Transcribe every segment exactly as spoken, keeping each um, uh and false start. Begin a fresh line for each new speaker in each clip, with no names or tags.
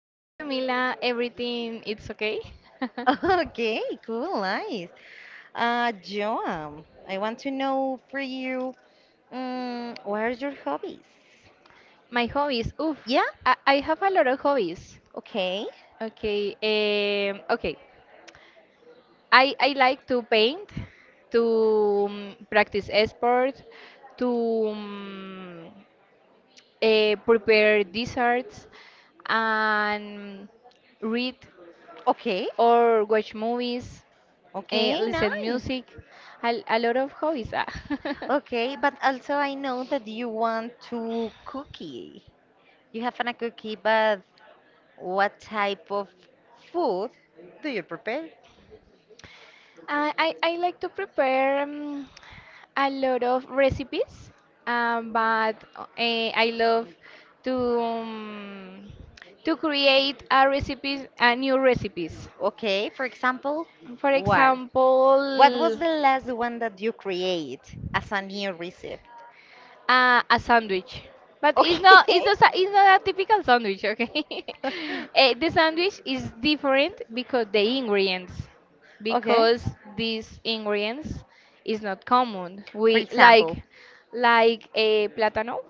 Hi Camila, everything it's okay?
Okay, cool, nice. Uh, Joan, I want to know for you, um, what are your hobbies?
My hobbies. Oof,
Yeah,
I, I have a lot of hobbies.
okay,
Okay, um, okay. I, I like to paint, to um, practice sport, to um, uh, prepare desserts, and read
okay,
or watch movies, uh,
okay,
listen
nice.
music. A, a lot of hobbies. Ah.
Okay, but also I know that you want to cookie. You have a cookie, but what type of food do you prepare?
I, I, I like to prepare um, a lot of recipes, um, but uh, eh, I love to um, to create a recipes, a new recipes.
Okay, for example,
For
what? What was
example,
the last one that you create as a new recipe?
Uh, a sandwich. But it's not
Okay.
it's not a- it's not a typical sandwich, okay? Eh, the sandwich is different because the ingredients
Okay.
because these ingredients is not common.
For
We like
example.
like a plátano,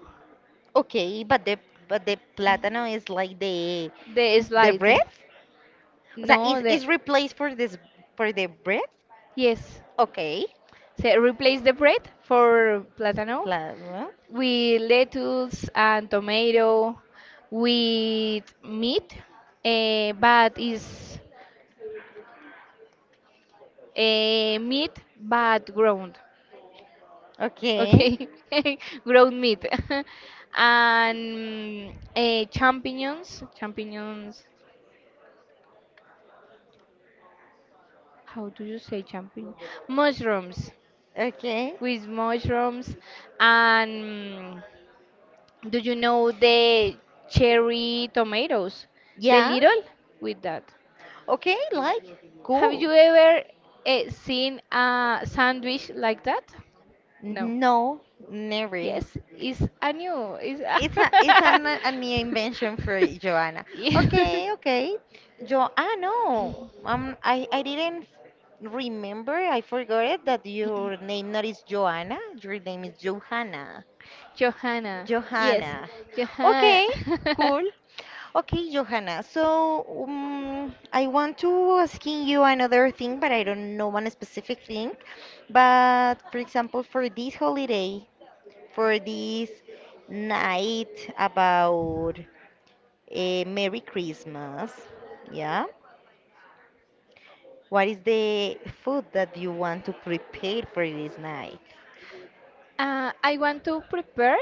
Okay, but the but the plátano is like the
the
the
slide.
bread? O sea,
No,
is
the
is replaced for this for the bread?
yes.
Okay.
So replace the bread for plátano
Plátano.
with lettuce and tomato with meat, eh, but is eh, meat but ground
Okay.
okay ground meat and mm, eh, champignons champignons how do you say champignon mushrooms,
Okay.
with mushrooms and mm, do you know the cherry tomatoes, the
Yeah.
little with that?
Okay, like
Have
cool.
you ever eh, seen a sandwich like that? No.
No, never.
Yes, it's a new it's
It's a it's
a
an, a new invention for Joanna.
Yeah.
Okay, okay. Jo ah no. Um I I didn't remember. I forgot it that your name not is Joanna. Your name is Johanna.
Johanna. Yes,
Johanna.
Johanna.
Okay, cool. Okay, Johanna. So um, I want to asking you another thing, but I don't know one specific thing. But for example, for this holiday, for this night about a Merry Christmas, yeah. What is the food that you want to prepare for this night?
uh, I want to prepare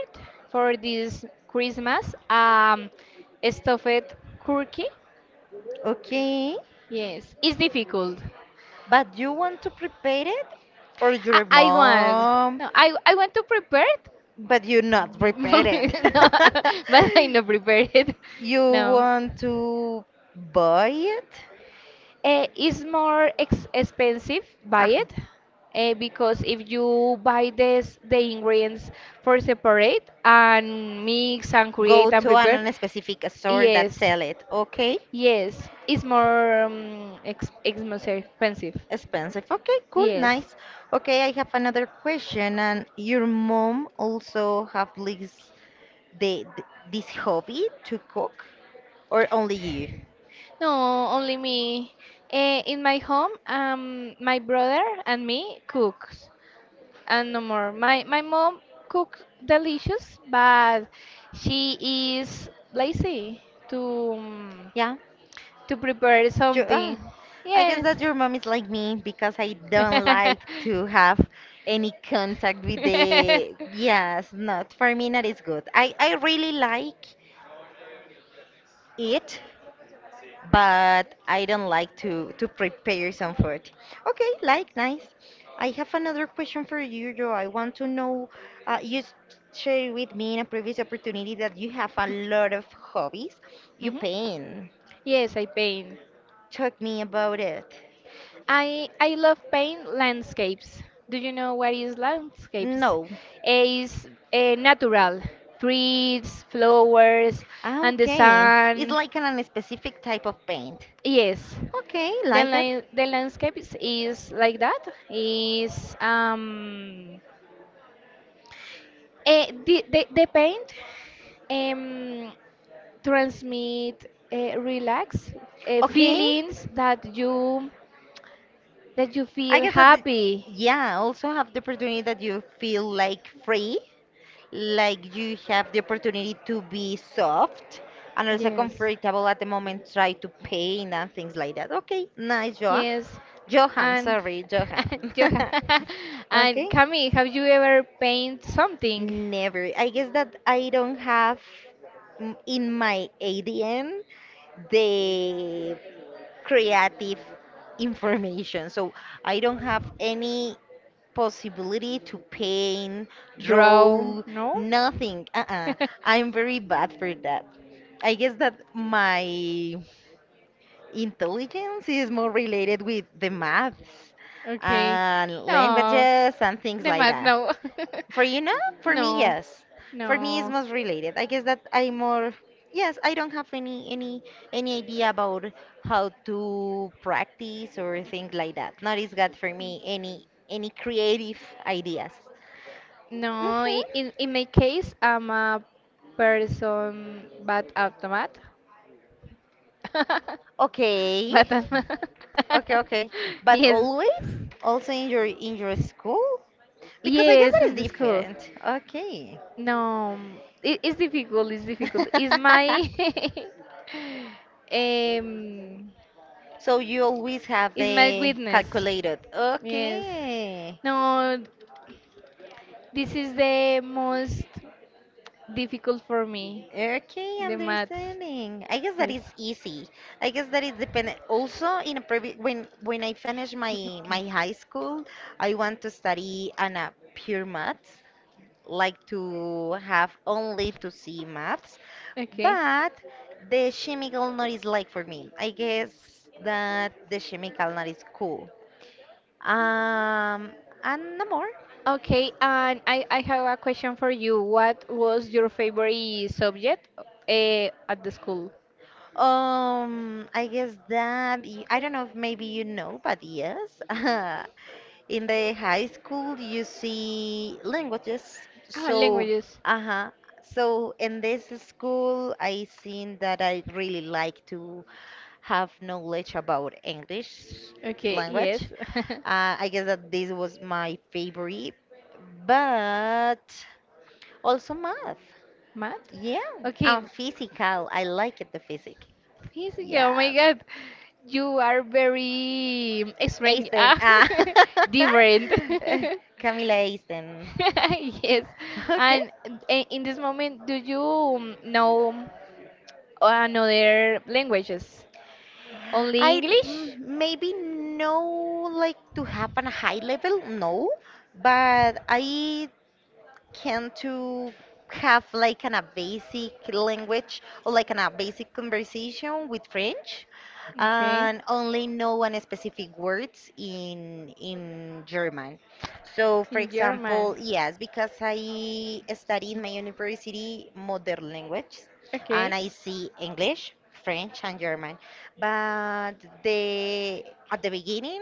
for this Christmas um stuffed cookie.
Okay,
Yes, it's difficult.
but you want to prepare it, or
I,
your
I want
mom,
no, I I want to prepare.
but you not prepare it.
It. no, but I not prepared. It.
You
No.
want to buy it?
Uh, it's more ex expensive buy
Ah,
it uh, because if you buy this the ingredients for separate and mix and
go
create and
to
prepare
an specific store that
yes
sell it. Okay,
yes it's more um, ex ex- more expensive.
expensive. Okay, cool,
Yes.
nice. Okay, I have another question. And your mom also have this the th- this hobby to cook, or only you?
No, only me. Uh, in my home, um my brother and me cooks and no more. My my mom cooks delicious, but she is lazy to um,
Yeah.
to prepare
Ju- ah,
something.
I guess
Yes.
that your mom is like me because I don't like to have any contact with the. Yes, not for me. That is good. I I really like it, but I don't like to to prepare some food. Okay, like nice. I have another question for you, Joe. I want to know. Uh, you s- shared with me in a previous opportunity that you have a lot of hobbies. You
Mhm.
paint.
Yes, I paint.
Talk me about it.
I I love paint landscapes. Do you know what is landscapes?
No,
It's uh, natural, trees, flowers,
ah,
and the
okay. It's
sun.
like an, a specific type of paint.
Yes,
Okay,
the
like
li
it.
the landscape is, is like that. Is um, eh, the, the the paint um transmit uh, relax uh,
Okay,
feelings that you that you
I
feel
guess that.
happy.
Yeah, also have the opportunity that you feel like free, like you have the opportunity to be soft and also
Yes.
comfortable at the moment, try to paint and things like that. Okay, nice, Joa.
Yes,
Johan,
and
sorry, Johan.
you and
okay.
Camille, have you ever paint something?
Never. I guess that I don't have mm, in my A D N the creative information. So I don't have any possibility to paint,
Draw?
draw,
No.
nothing. Uh-uh. I'm very bad for that. I guess that my intelligence is more related with the maths
Okay.
and
No,
languages and things
the
like
math.
that.
No.
For you now? For me,
no.
yes. For me, it's
No.
most related. I guess that I'm more. Yes, I don't have any any any idea about how to practice or things like that. Not is got for me any any creative ideas.
No.
Mhm.
i- In in my case, I'm a person, but automat.
Okay.
But um,
Okay, okay. But
yes,
always also in your in your school? Because I guess
yes,
that
in
is
the school.
different. Okay.
No, it, it's difficult. It's difficult. It's my um,
So you always have
it's my
the
weakness.
calculated.
Yes.
Okay.
No, this is the most difficult for me.
Okay,
The maths.
understanding. I guess that
Yes.
is easy. I guess that is dependent. Also, in a previ when when I finish my my high school, I want to study on a pure maths, like to have only to see maths.
Okay.
But the chemical not is like for me. I guess that the chemical not is cool. Um, and no more.
Okay, and I, I have a question for you. What was your favorite subject uh, at the school?
Um, I guess that y- I don't know if maybe you know, but yes, in the high school you see languages.
Ah,
So,
languages.
uh-huh. So in this school, I seen that I really like to have knowledge about English
Okay,
language.
yes.
Uh, I guess that this was my favorite, but also math.
Math?
Yeah,
Okay.
and physical. I like it, the physics.
Physical, oh my
Yeah.
God, you are very um, strange,
Eisten.
ah,
Ah.
different.
Camila Eisten.
Yes,
Okay.
and i- in this moment, do you um, know another languages? Only
I mm,
English?
maybe know like to have on a high level, no, but I can to have like an, a basic language or like an, a basic conversation with French
Okay,
and only know one specific words in in German. So for
in German.
example, yes, because I study in my university modern language and
Okay.
I see English, French and German. But the at the beginning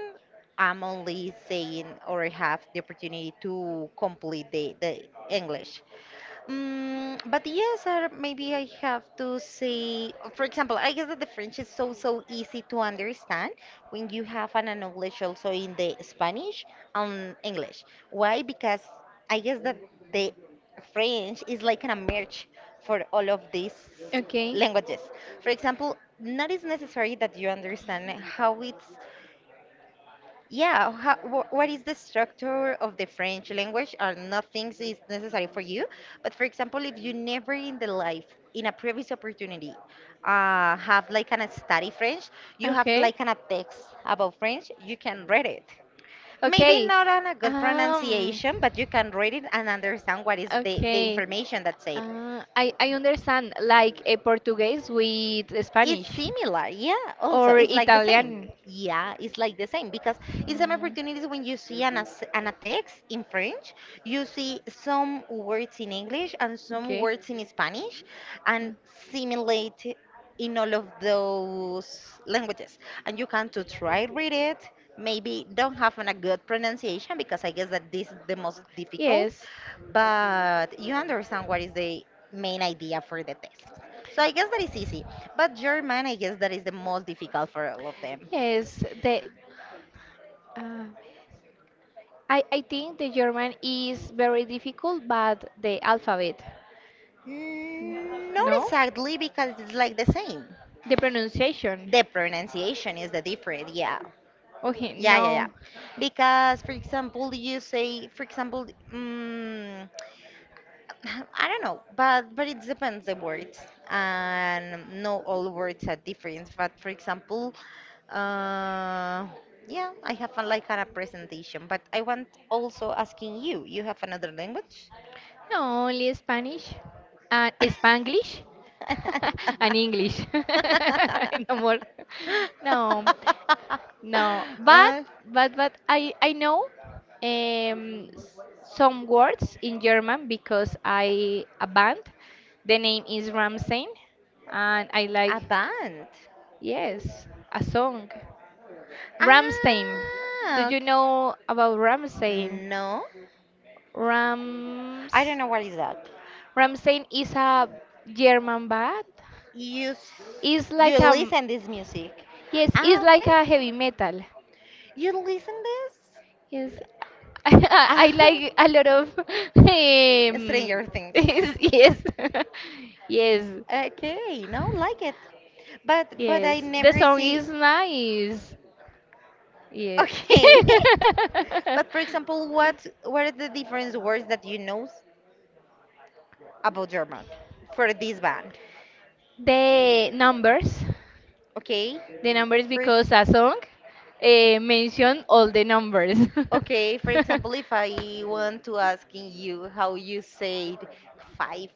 I'm only saying or have the opportunity to complete the, the English. Mm, but yes, or maybe I have to say, for example, I guess that the French is so so easy to understand when you have an knowledge also in the Spanish and English. Why? Because I guess that the French is like a merge for all of these
Okay.
languages. For example, not is necessary that you understand how it's yeah, how, wh what is the structure of the French language? Are not things is necessary for you? But for example, if you never in the life, in a previous opportunity, uh, have like an a study French, you have
Okay.
like an a text about French, you can read it. Maybe
Okay.
not on a good
Um.
pronunciation, but you can read it and understand what is the, the
Okay.
information that's said.
Uh, I I understand like a Portuguese with
It's
Spanish
similar, yeah. Also,
or
it's like the same.
Italian.
Yeah, it's like the same because in some
Mm.
opportunities when you see an, as- an a text in French, you see some words in English and some
Okay.
words in Spanish, and simulate in all of those
Mm.
languages. And you can to try read it. Maybe don't have an- a good pronunciation because I guess that this is the most difficult,
Yes,
but you understand what is the main idea for the text. So I guess that is easy. But German, I guess that is the most difficult for all of them.
yes. The uh, I I think the German is very difficult, but the alphabet,
Mm, Not
no,
exactly because it's like the same.
the pronunciation.
The pronunciation is the different, yeah.
Okay,
Yeah, yeah, yeah.
no.
Because, for example, you say, for example, mm, I don't know, but but it depends the words, and no all words are different. But for example, uh, yeah, I have a, like a presentation, but I want also asking you, you have another language?
No, only Spanish and Spanglish and English. No more. No, no. But but but I I know um s- some words in German because I a band. The name is Ramstein, and I like
Uh, a band.
yes a song. Ramstein. Do
Ah,
you
okay.
know about Ramstein?
No,
Rams.
I don't know what is that.
Ramstein is a German band.
You s-
It's
you
like a
listen this music. Yes,
yes, it's
ah,
like
okay.
a heavy metal.
You listen this?
Yes,
Ah,
I like a lot of um,
Stranger Things.
yes, yes,
Okay, no, like it. But but I
yes. The
never
song
see.
is nice. Yeah.
Okay. But for example, what what are the different words that you know about German for this band?
The numbers.
Okay.
The numbers
For
because a song uh, mentioned all the numbers.
okay, for example, if I want to asking you how you say five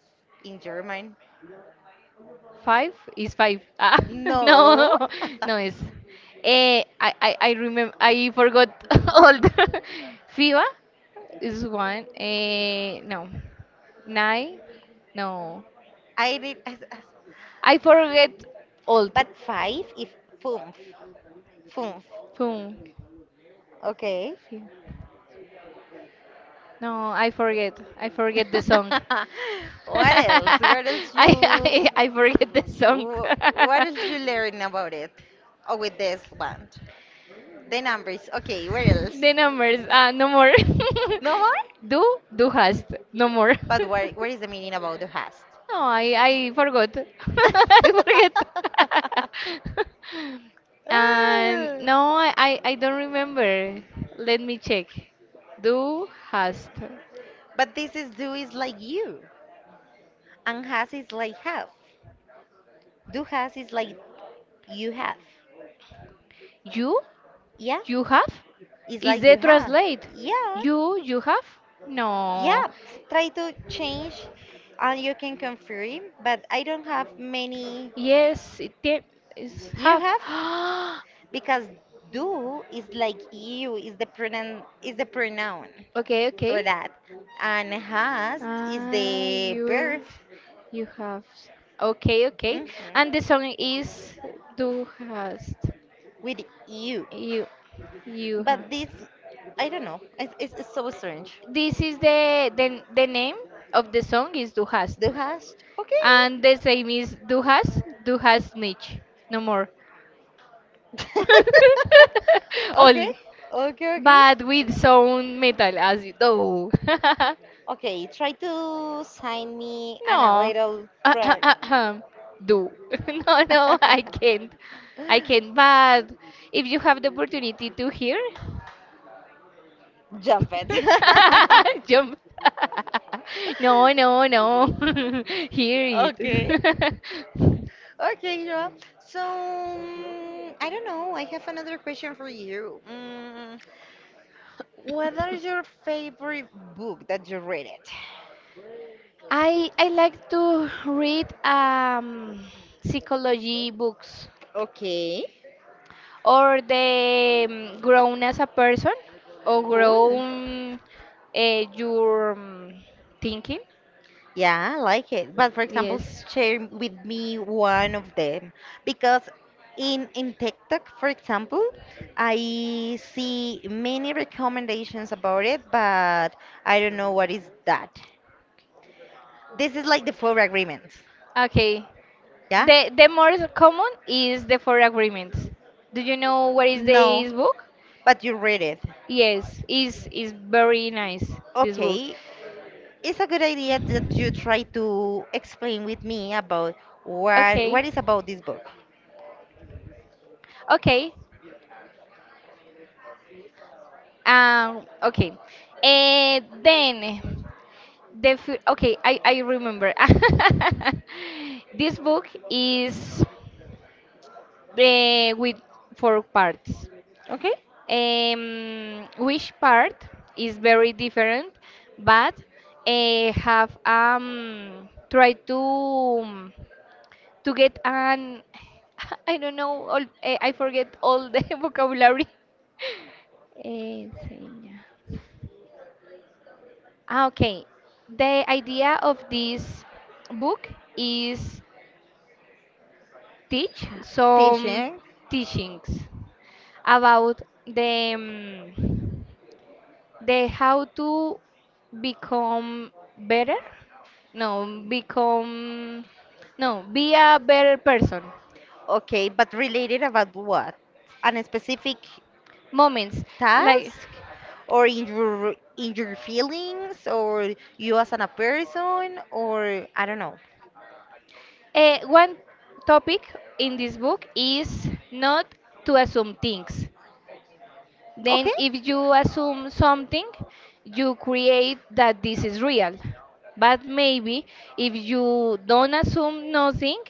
in German.
Five is five. Ah,
No.
no, no, it's. Eh, I, I, I remember. I forgot all the. F I B A is one. Eh, no. Nine. No.
I did.
I forget all.
But five if fünf. Fünf.
Boom.
Okay.
No, I forget. I forget the song.
What
I,
else? What else you
I I forget the song.
wh- what else you learn about it? Or with this band? The numbers. Okay, where else?
The numbers. Ah, no more.
No more?
Do do hast. No more.
But what what is the meaning about the past?
no, I I forgot. I forget. and no, I, I I don't remember. Let me check. Do hast.
But this is do is like you. And has is like have. Do has is like you have.
You?
Yeah?
You have?
It's
Is
like
the
you have.
translate?
Yeah.
You you have? No.
Yeah. Try to change and you can confirm, but I don't have many.
Yes, it te- is
You
have.
have? Because do is like you is the pronoun is the pronoun
Okay,
for
okay.
that. And has is
Ah,
the verb.
you you have. Okay, okay.
Mhm.
And the song is Du hast.
With you.
You you have.
But this I don't know. It's, it's, it's so strange.
This is the the, the name of the song is Du hast.
Do has? Okay. Do has,
And
do
the same is Du hast, Du
has
hast
snakes,
nicht. No
no more.
more.
Only, okay,
All.
okay, okay.
But
But with
with
some
sound metal
metal as
as you
though.
do.
Okay, try to sign me and a
No.
little ah, ah, prayer. Ah, ah.
do.
No, no,
No,
I
no,
can't.
I
I
can't. I
can't.
can't. But if you have the opportunity to hear,
Jump it. Jump.
jump. No,
No,
no,
no.
no. Hear
Okay.
it.
Okay, Joa. So, mm, I don't know. I have another question for you. Mm, What are your favorite book that you read it?
I I like to read um psychology books.
Okay.
Or the mm, grown as a person or
Cool.
grown uh, your mm, thinking
Yeah, I like it. But for example,
yes
share with me one of them because in in TikTok, for example, I see many recommendations about it, but I don't know what is that. This is like the four agreements.
okay
Yeah?
the the more common is the four agreements. Do you know what is
No,
this book?
but you read it.
Yes is is very nice this book
Okay, it's a good idea that you try to explain with me about what what
okay
is about this book.
okay. Um, okay. Uh, then the fi- okay, I I remember. This book is uh, with four parts.
Okay?
Um, which part is very different, but uh, have um tried to to get an I don't know all, eh, I forget all the vocabulary. Eh, señas. Ah, okay. The idea of this book is teach some
Teaching.
teachings about the mm, the how to become better. No, become no, be a better person.
Okay, but related about what? An specific
Moments like
task or in your in your feelings or you as an a person or I don't know.
eh, one topic in this book is not to assume things. Then,
Okay?
if you assume something, you create that this is real. But maybe if you don't assume nothing,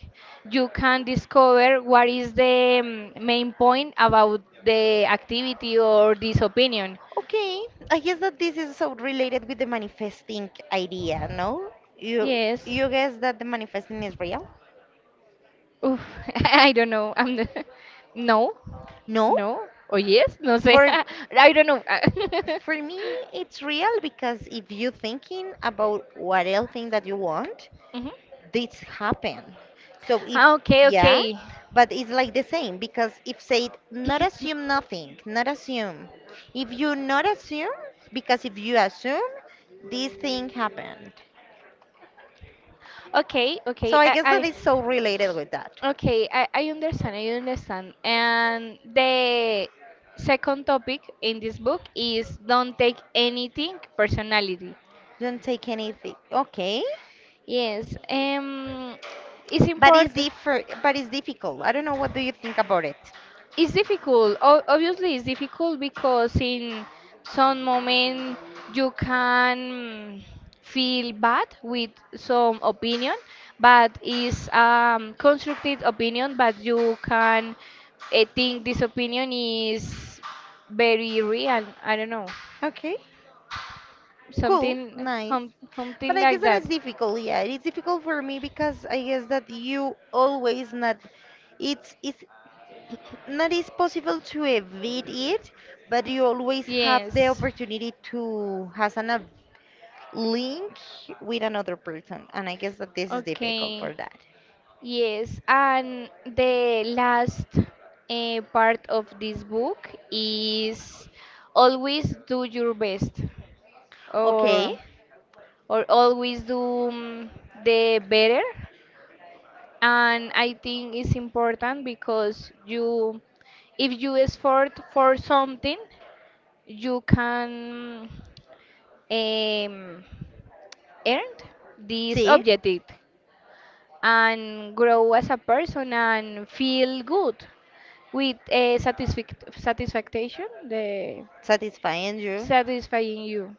you can discover what is the mm, main point about the activity or this opinion.
Okay, I guess that this is so related with the manifesting idea, no? You
Yes.
you guess that the manifesting is real?
Oof, I don't know. I'm the... No.
No?
No. Oh, yes. No sé.
For
I don't know.
for me it's real because if you're thinking about what else thing that you want,
Mhm.
this happen. So if
Ah, okay,
yeah,
okay.
but it's like the same because if said not assume nothing, not assume. If you not assume, because if you assume, this thing happened.
Okay,
So
okay.
I
I,
guess that
I
is so related with that.
okay, I, I understand, I understand. And the second topic in this book is don't take anything personality.
Don't take anything. Okay.
Yes, um, it's
But it's
important.
differ but it's difficult. I don't know what do you think about it.
It's difficult. O- obviously, it's difficult because in some moment you can feel bad with some opinion, but it's um, constructive opinion. But you can uh, think this opinion is very real. I don't know,
Okay. Cool.
something,
Nice.
hum,
But
something
I guess
like
that is
that.
difficult. Yeah, it is difficult for me because I guess that you always not it's it's not is possible to evade it, but you always have the
Yes.
opportunity to has an a link with another person, and I guess that this is difficult
Okay.
for that.
Yes, and the last uh, part of this book is always do your best
Okay,
or or always do mm, the better, and I think it's important because you if you effort for something you can um, earn this
see?
objective and grow as a person and feel good with a satisfic- satisfaction, the
Satisfying you.
satisfying you.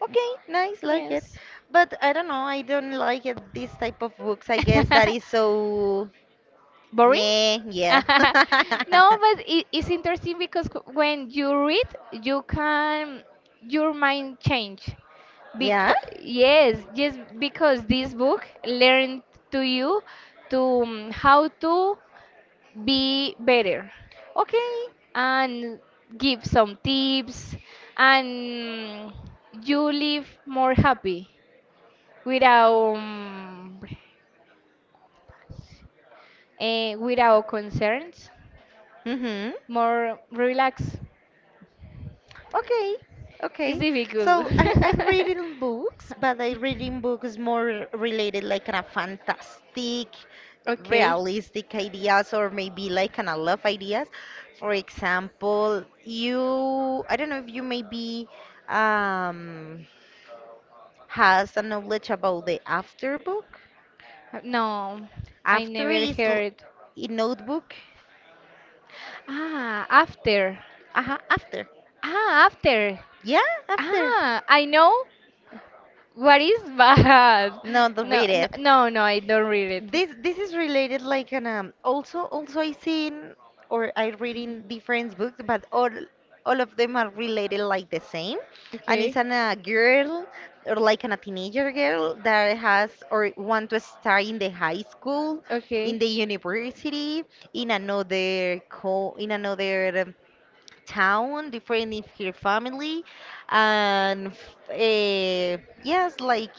Okay, nice, like it.
Yes.
But I don't know, I don't like it this type of books. I guess that is so
Boring?
yeah, yeah.
No, but it, it's interesting because c- when you read, you can your mind change.
Yeah?
Because yes, just because this book learned to you to um, how to be better.
Okay.
And give some tips and you live more happy without um, eh, without concerns,
Mm-hmm.
more relaxed.
Okay,
It's
okay.
difficult.
So I, I'm reading books, but I reading books more related like kind of fantastic,
Okay.
realistic ideas or maybe like kind of love ideas. For example, you I don't know if you maybe um has a knowledge about the after book.
No, I
After
never
is l-
heard.
a notebook.
Ah, after.
Uh-huh, after.
Ah, after.
Yeah, after.
Ah, I know what is bad.
No, don't
No,
read
no,
it.
no, no, I don't read it.
This this is related like an um also also I seen or I read in different books but all all of them are related like the same, and it's
Okay.
an a girl or like an, a teenager girl that has or want to start in the high school, in
Okay.
the university, in another co in another um, town, different if her family, and uh, yes, like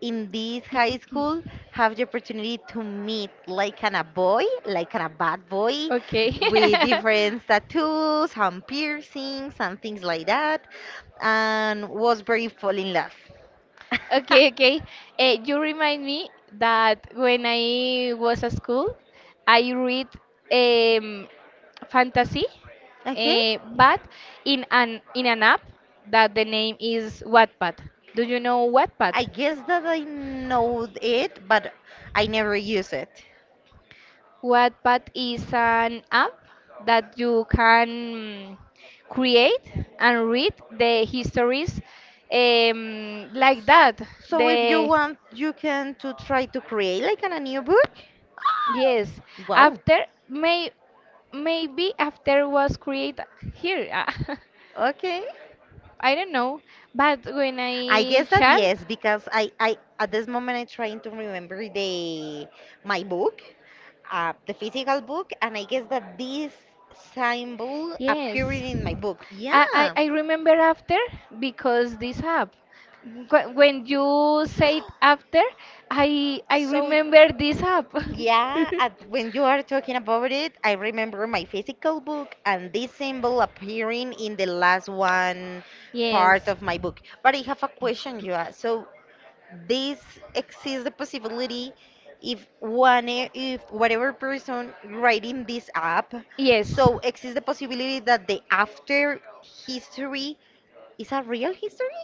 in this high school, have the opportunity to meet like an a boy, like an a bad boy,
Okay.
with different tattoos and piercings and things like that, and was very fall in love.
Okay, okay. Eh, you remind me that when I was at school, I read um, fantasy,
Okay.
eh, but in an in an app that the name is Wattpad. Do you know Wattpad?
I guess that I know it, but I never use it.
Wattpad is an app that you can mm, create and read the histories um, like that.
So if you
The
want, you can to try to create like an, a new book.
yes,
Wow.
after may maybe after was created here.
Okay.
I don't know, but when
I
I
guess that
child
yes, because I, I at this moment I'm trying to remember the my book, uh, the physical book, and I guess that this symbol appeared
yes.
in my book.
I, I,
Yeah.
I remember after because this app. Wh- When you said after, I I
So
remember this app.
yeah, at, when you are talking about it, I remember my physical book and this symbol appearing in the last one part
Yes.
of my book. But I have a question, Joa. So this exists the possibility if one e, if whatever person writing this app,
Yes.
so exists the possibility that the after history is a real history?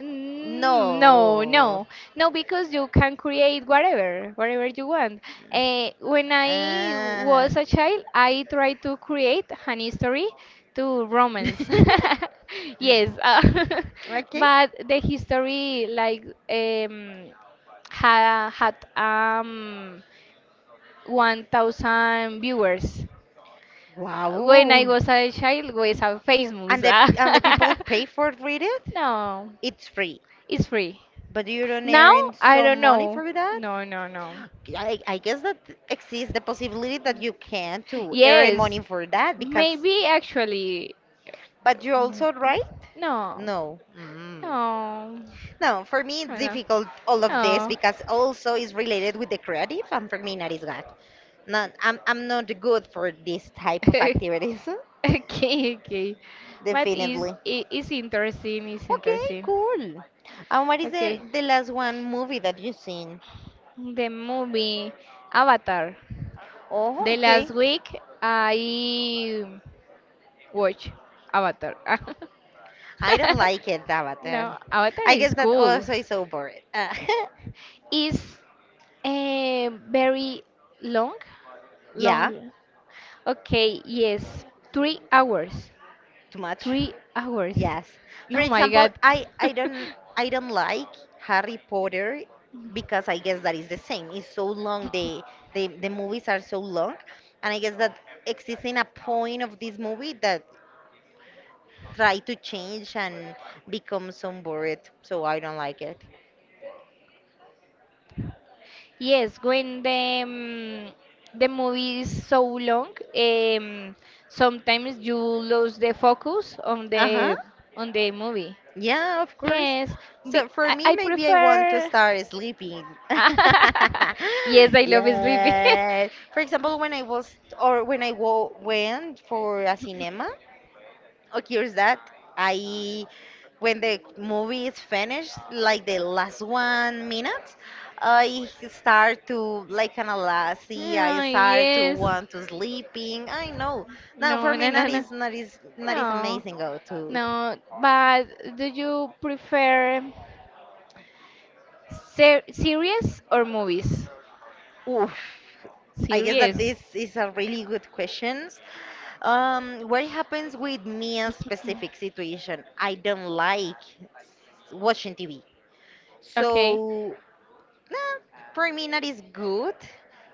Mm, no,
No.
no, no, because you can create whatever, whatever you want. Uh, when I
Ah.
was a child, I tried to create an history to romance. Yes, uh,
Okay.
but the history like um, ha had um one thousand viewers. When I
Wow.
was a child, was on Facebook.
And the and the people pay for read it?
No,
It's free.
it's free.
But you don't
Now,
earn
I
some
don't
money
know.
for that?
No, no, no.
I, I guess that exists the possibility that you can to earn money
Yes,
for that because
maybe actually.
but you
Mm,
also write?
no,
No. Mm.
no,
No, for me it's
no, no.
difficult all of this
No.
because also is related with the creative and for me not is God. Not I'm I'm not good for this type of
Okay,
activities.
okay. But is
Definitely.
it is interesting. It's
Okay,
interesting.
cool. And what is the,
Okay,
the last one movie that you seen?
the movie Avatar.
Oh,
The last
okay.
week I watch Avatar.
I don't like it, Avatar.
No, Avatar
I guess
is
that
cool.
also is so boring. Uh,
Is eh, very long.
yeah,
Long. Okay, yes. Three hours.
too much.
Three hours.
Yes. For
Oh my
example,
God.
I I don't I don't like Harry Potter because I guess that is the same. It's so long. The the the movies are so long, and I guess that existing a point of this movie that try to change and become some bored. So I don't like it.
Yes, when the mm, the movie is so long, um, sometimes you lose the focus on
Uh huh.
the on the movie.
Yeah, of course.
Yes, be,
So for
I,
me,
I
maybe I want to
prefer.
start sleeping.
Yes, I love sleeping.
Yes. For example, when I was or when I wo went for a cinema, occurs that I when the movie is finished, like the last one minute, I start to like kind of lazy. I
Oh,
start to
yes.
want to sleeping. I know. Now for
No,
me,
no, no,
that
no.
is not is not is
No,
amazing go to
no. But do you prefer ser series or movies?
oof. I guess that
Series.
this is a really good questions. Um, what happens with me in specific situation? I don't like watching T V.
Okay.
So, nah, for me, that is good.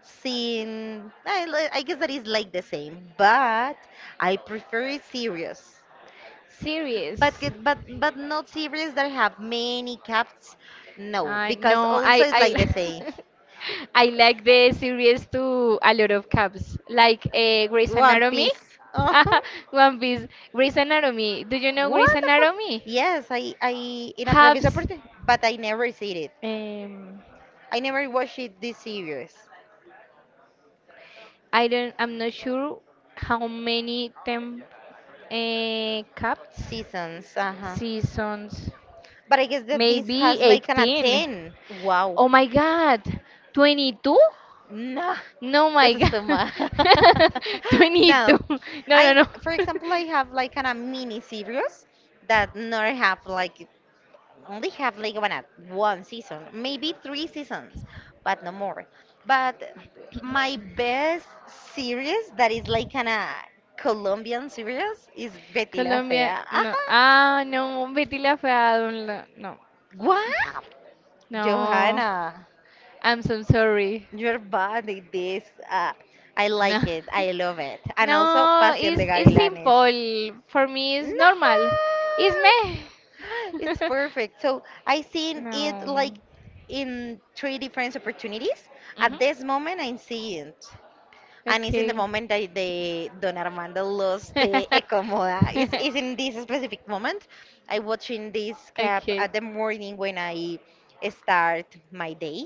Seeing, I, li- I guess that is like the same, but I prefer it serious.
Series.
But get- but but not series that have many caps. No,
Uh,
because
no, I,
also it's
I,
like the same.
li- I like the series to a lot of caps, like uh, Grey's
One
Anatomy.
Piece. Oh.
One Piece. Grey's Anatomy. Do you know Grey's
What the fuck?
Anatomy?
Yes, I, I in a previous
Habs.
opportunity, but I never seen it.
Um,
I never watched it this series
I don't. I'm not sure how many temp uh, cups
seasons. Uh huh.
seasons.
But I guess that this
Maybe
has like an a
eighteen.
ten. Wow.
Oh my God, twenty-two?
Nah,
No, my
this is too
God,
much. No,
twenty-two. No,
I
no, no.
for example I have like an a mini series that never have like only have League of One, one season, maybe three seasons, but no more. But my best series that is like kind of Colombian series is Betty la Fea.
Colombia, no.
Ajá.
Ah, no, Betty la fea, don't la- no,
What?
no.
Johanna,
I'm so sorry.
you're bad at this. Uh, I
No,
like it. I love it. And also
no,
Pasión
it's
de
it's
Gavilanes.
simple. For me, it's
No!
normal. It's me.
It's perfect. So I seen it
No.
like in three different opportunities. At
Mhm.
this moment, I'm seeing it. And it's in the
Okay.
moment that the Don Armando lost the Ecomoda. It's, it's in this specific moment. I watching this cap
Okay.
at the morning when I start my day.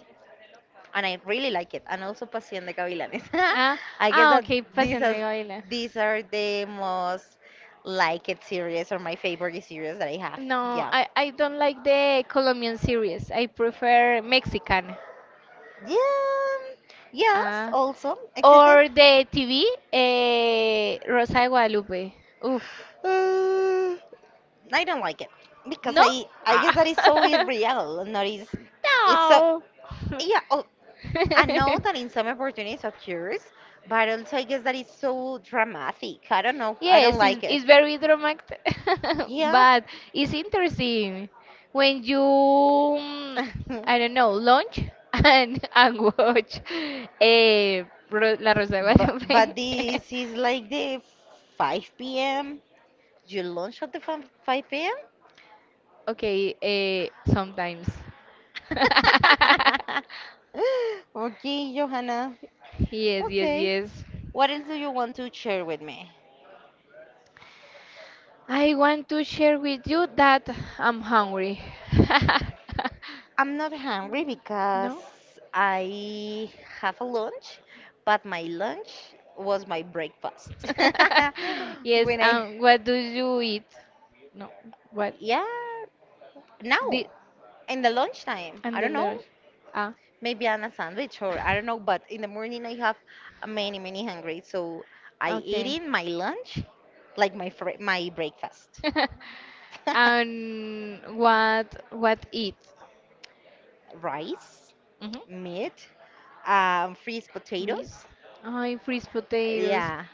And I really like it. And also Pasión de Gavilanes.
Ah,
I guess
ah,
that
okay,
these
pasión
are,
de gavilanes.
these are the most liked series or my favorite series that I have.
No,
Yeah.
I, I don't like the Colombian series. I prefer Mexican.
Yeah. Yes,
Uh,
also existed.
or the T V, eh, Rosa de Guadalupe. Uf.
Uh, I don't like it because
¿No?
I I
Ah.
guess that is so irreal. Not is it's so
No.
yeah. Oh, I know that in some opportunities occurs, but also I guess that is so dramatic. I don't know. I don't
Yes, it's,
like it.
it's very dramatic,
Yeah.
but it's interesting when you, mm, I don't know, lunch and, and watch eh, Ro- La Rosa de
But but
Guadalupe.
this is like the five p m. You lunch at the five five p m
Okay, eh, sometimes.
Okay, Johanna.
Yes, yes,
Okay.
yes.
What else do you want to share with me?
I want to share with you that I'm hungry.
I'm not hungry because
No?
I have a lunch, but my lunch was my breakfast.
Yes,
When I,
and what do you eat? No, what?
yeah, now
The
in the lunchtime,
and
I
the
don't
lunch.
know.
Ah,
Maybe on a sandwich or I don't know, but in the morning I have a many, many hungry, so I eat
okay.
in my lunch, like my fr my breakfast.
And what what eat?
Rice,
Mhm.
meat, um, freeze
Meat.
potatoes,
I freeze potatoes.
yeah,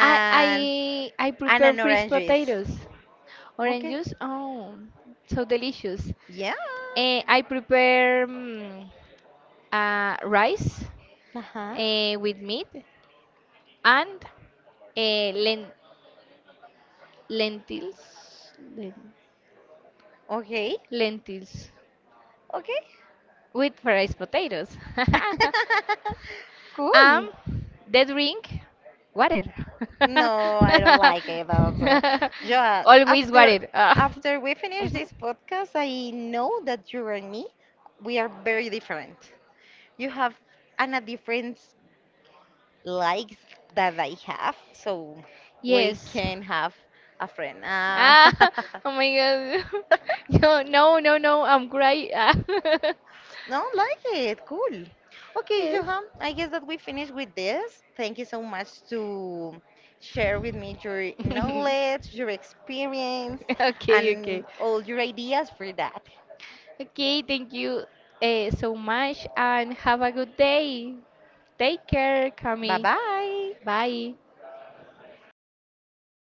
I I I
and
prepare
an
freeze
orange juice.
potatoes. Orange
Okay,
juice. Oh, so delicious.
yeah,
Eh, I prepare mm, uh, rice
uh-huh,
eh, with meat and eh, len lentils. Len-
okay,
lentils
okay.
with fried potatoes. Um,
Cool.
they drink water.
No, I don't like it also. Joa,
Always
after
water. Ah.
after we finish
Mhm.
this podcast, I know that you and me, we are very different. You have an, a different likes that I have, so we
Yes.
can have a friend. Ah.
Ah, oh my God. No, no, no, no. I'm crying. Ah.
No, like it. Cool. Okay,
Yes.
Johan, I guess that we finish with this. Thank you so much to share with me your knowledge, your experience,
Okay, okay.
and all your ideas for that.
Okay, thank you uh, so much and have a good day. Take care,
Bye
Cami.
bye.
Bye.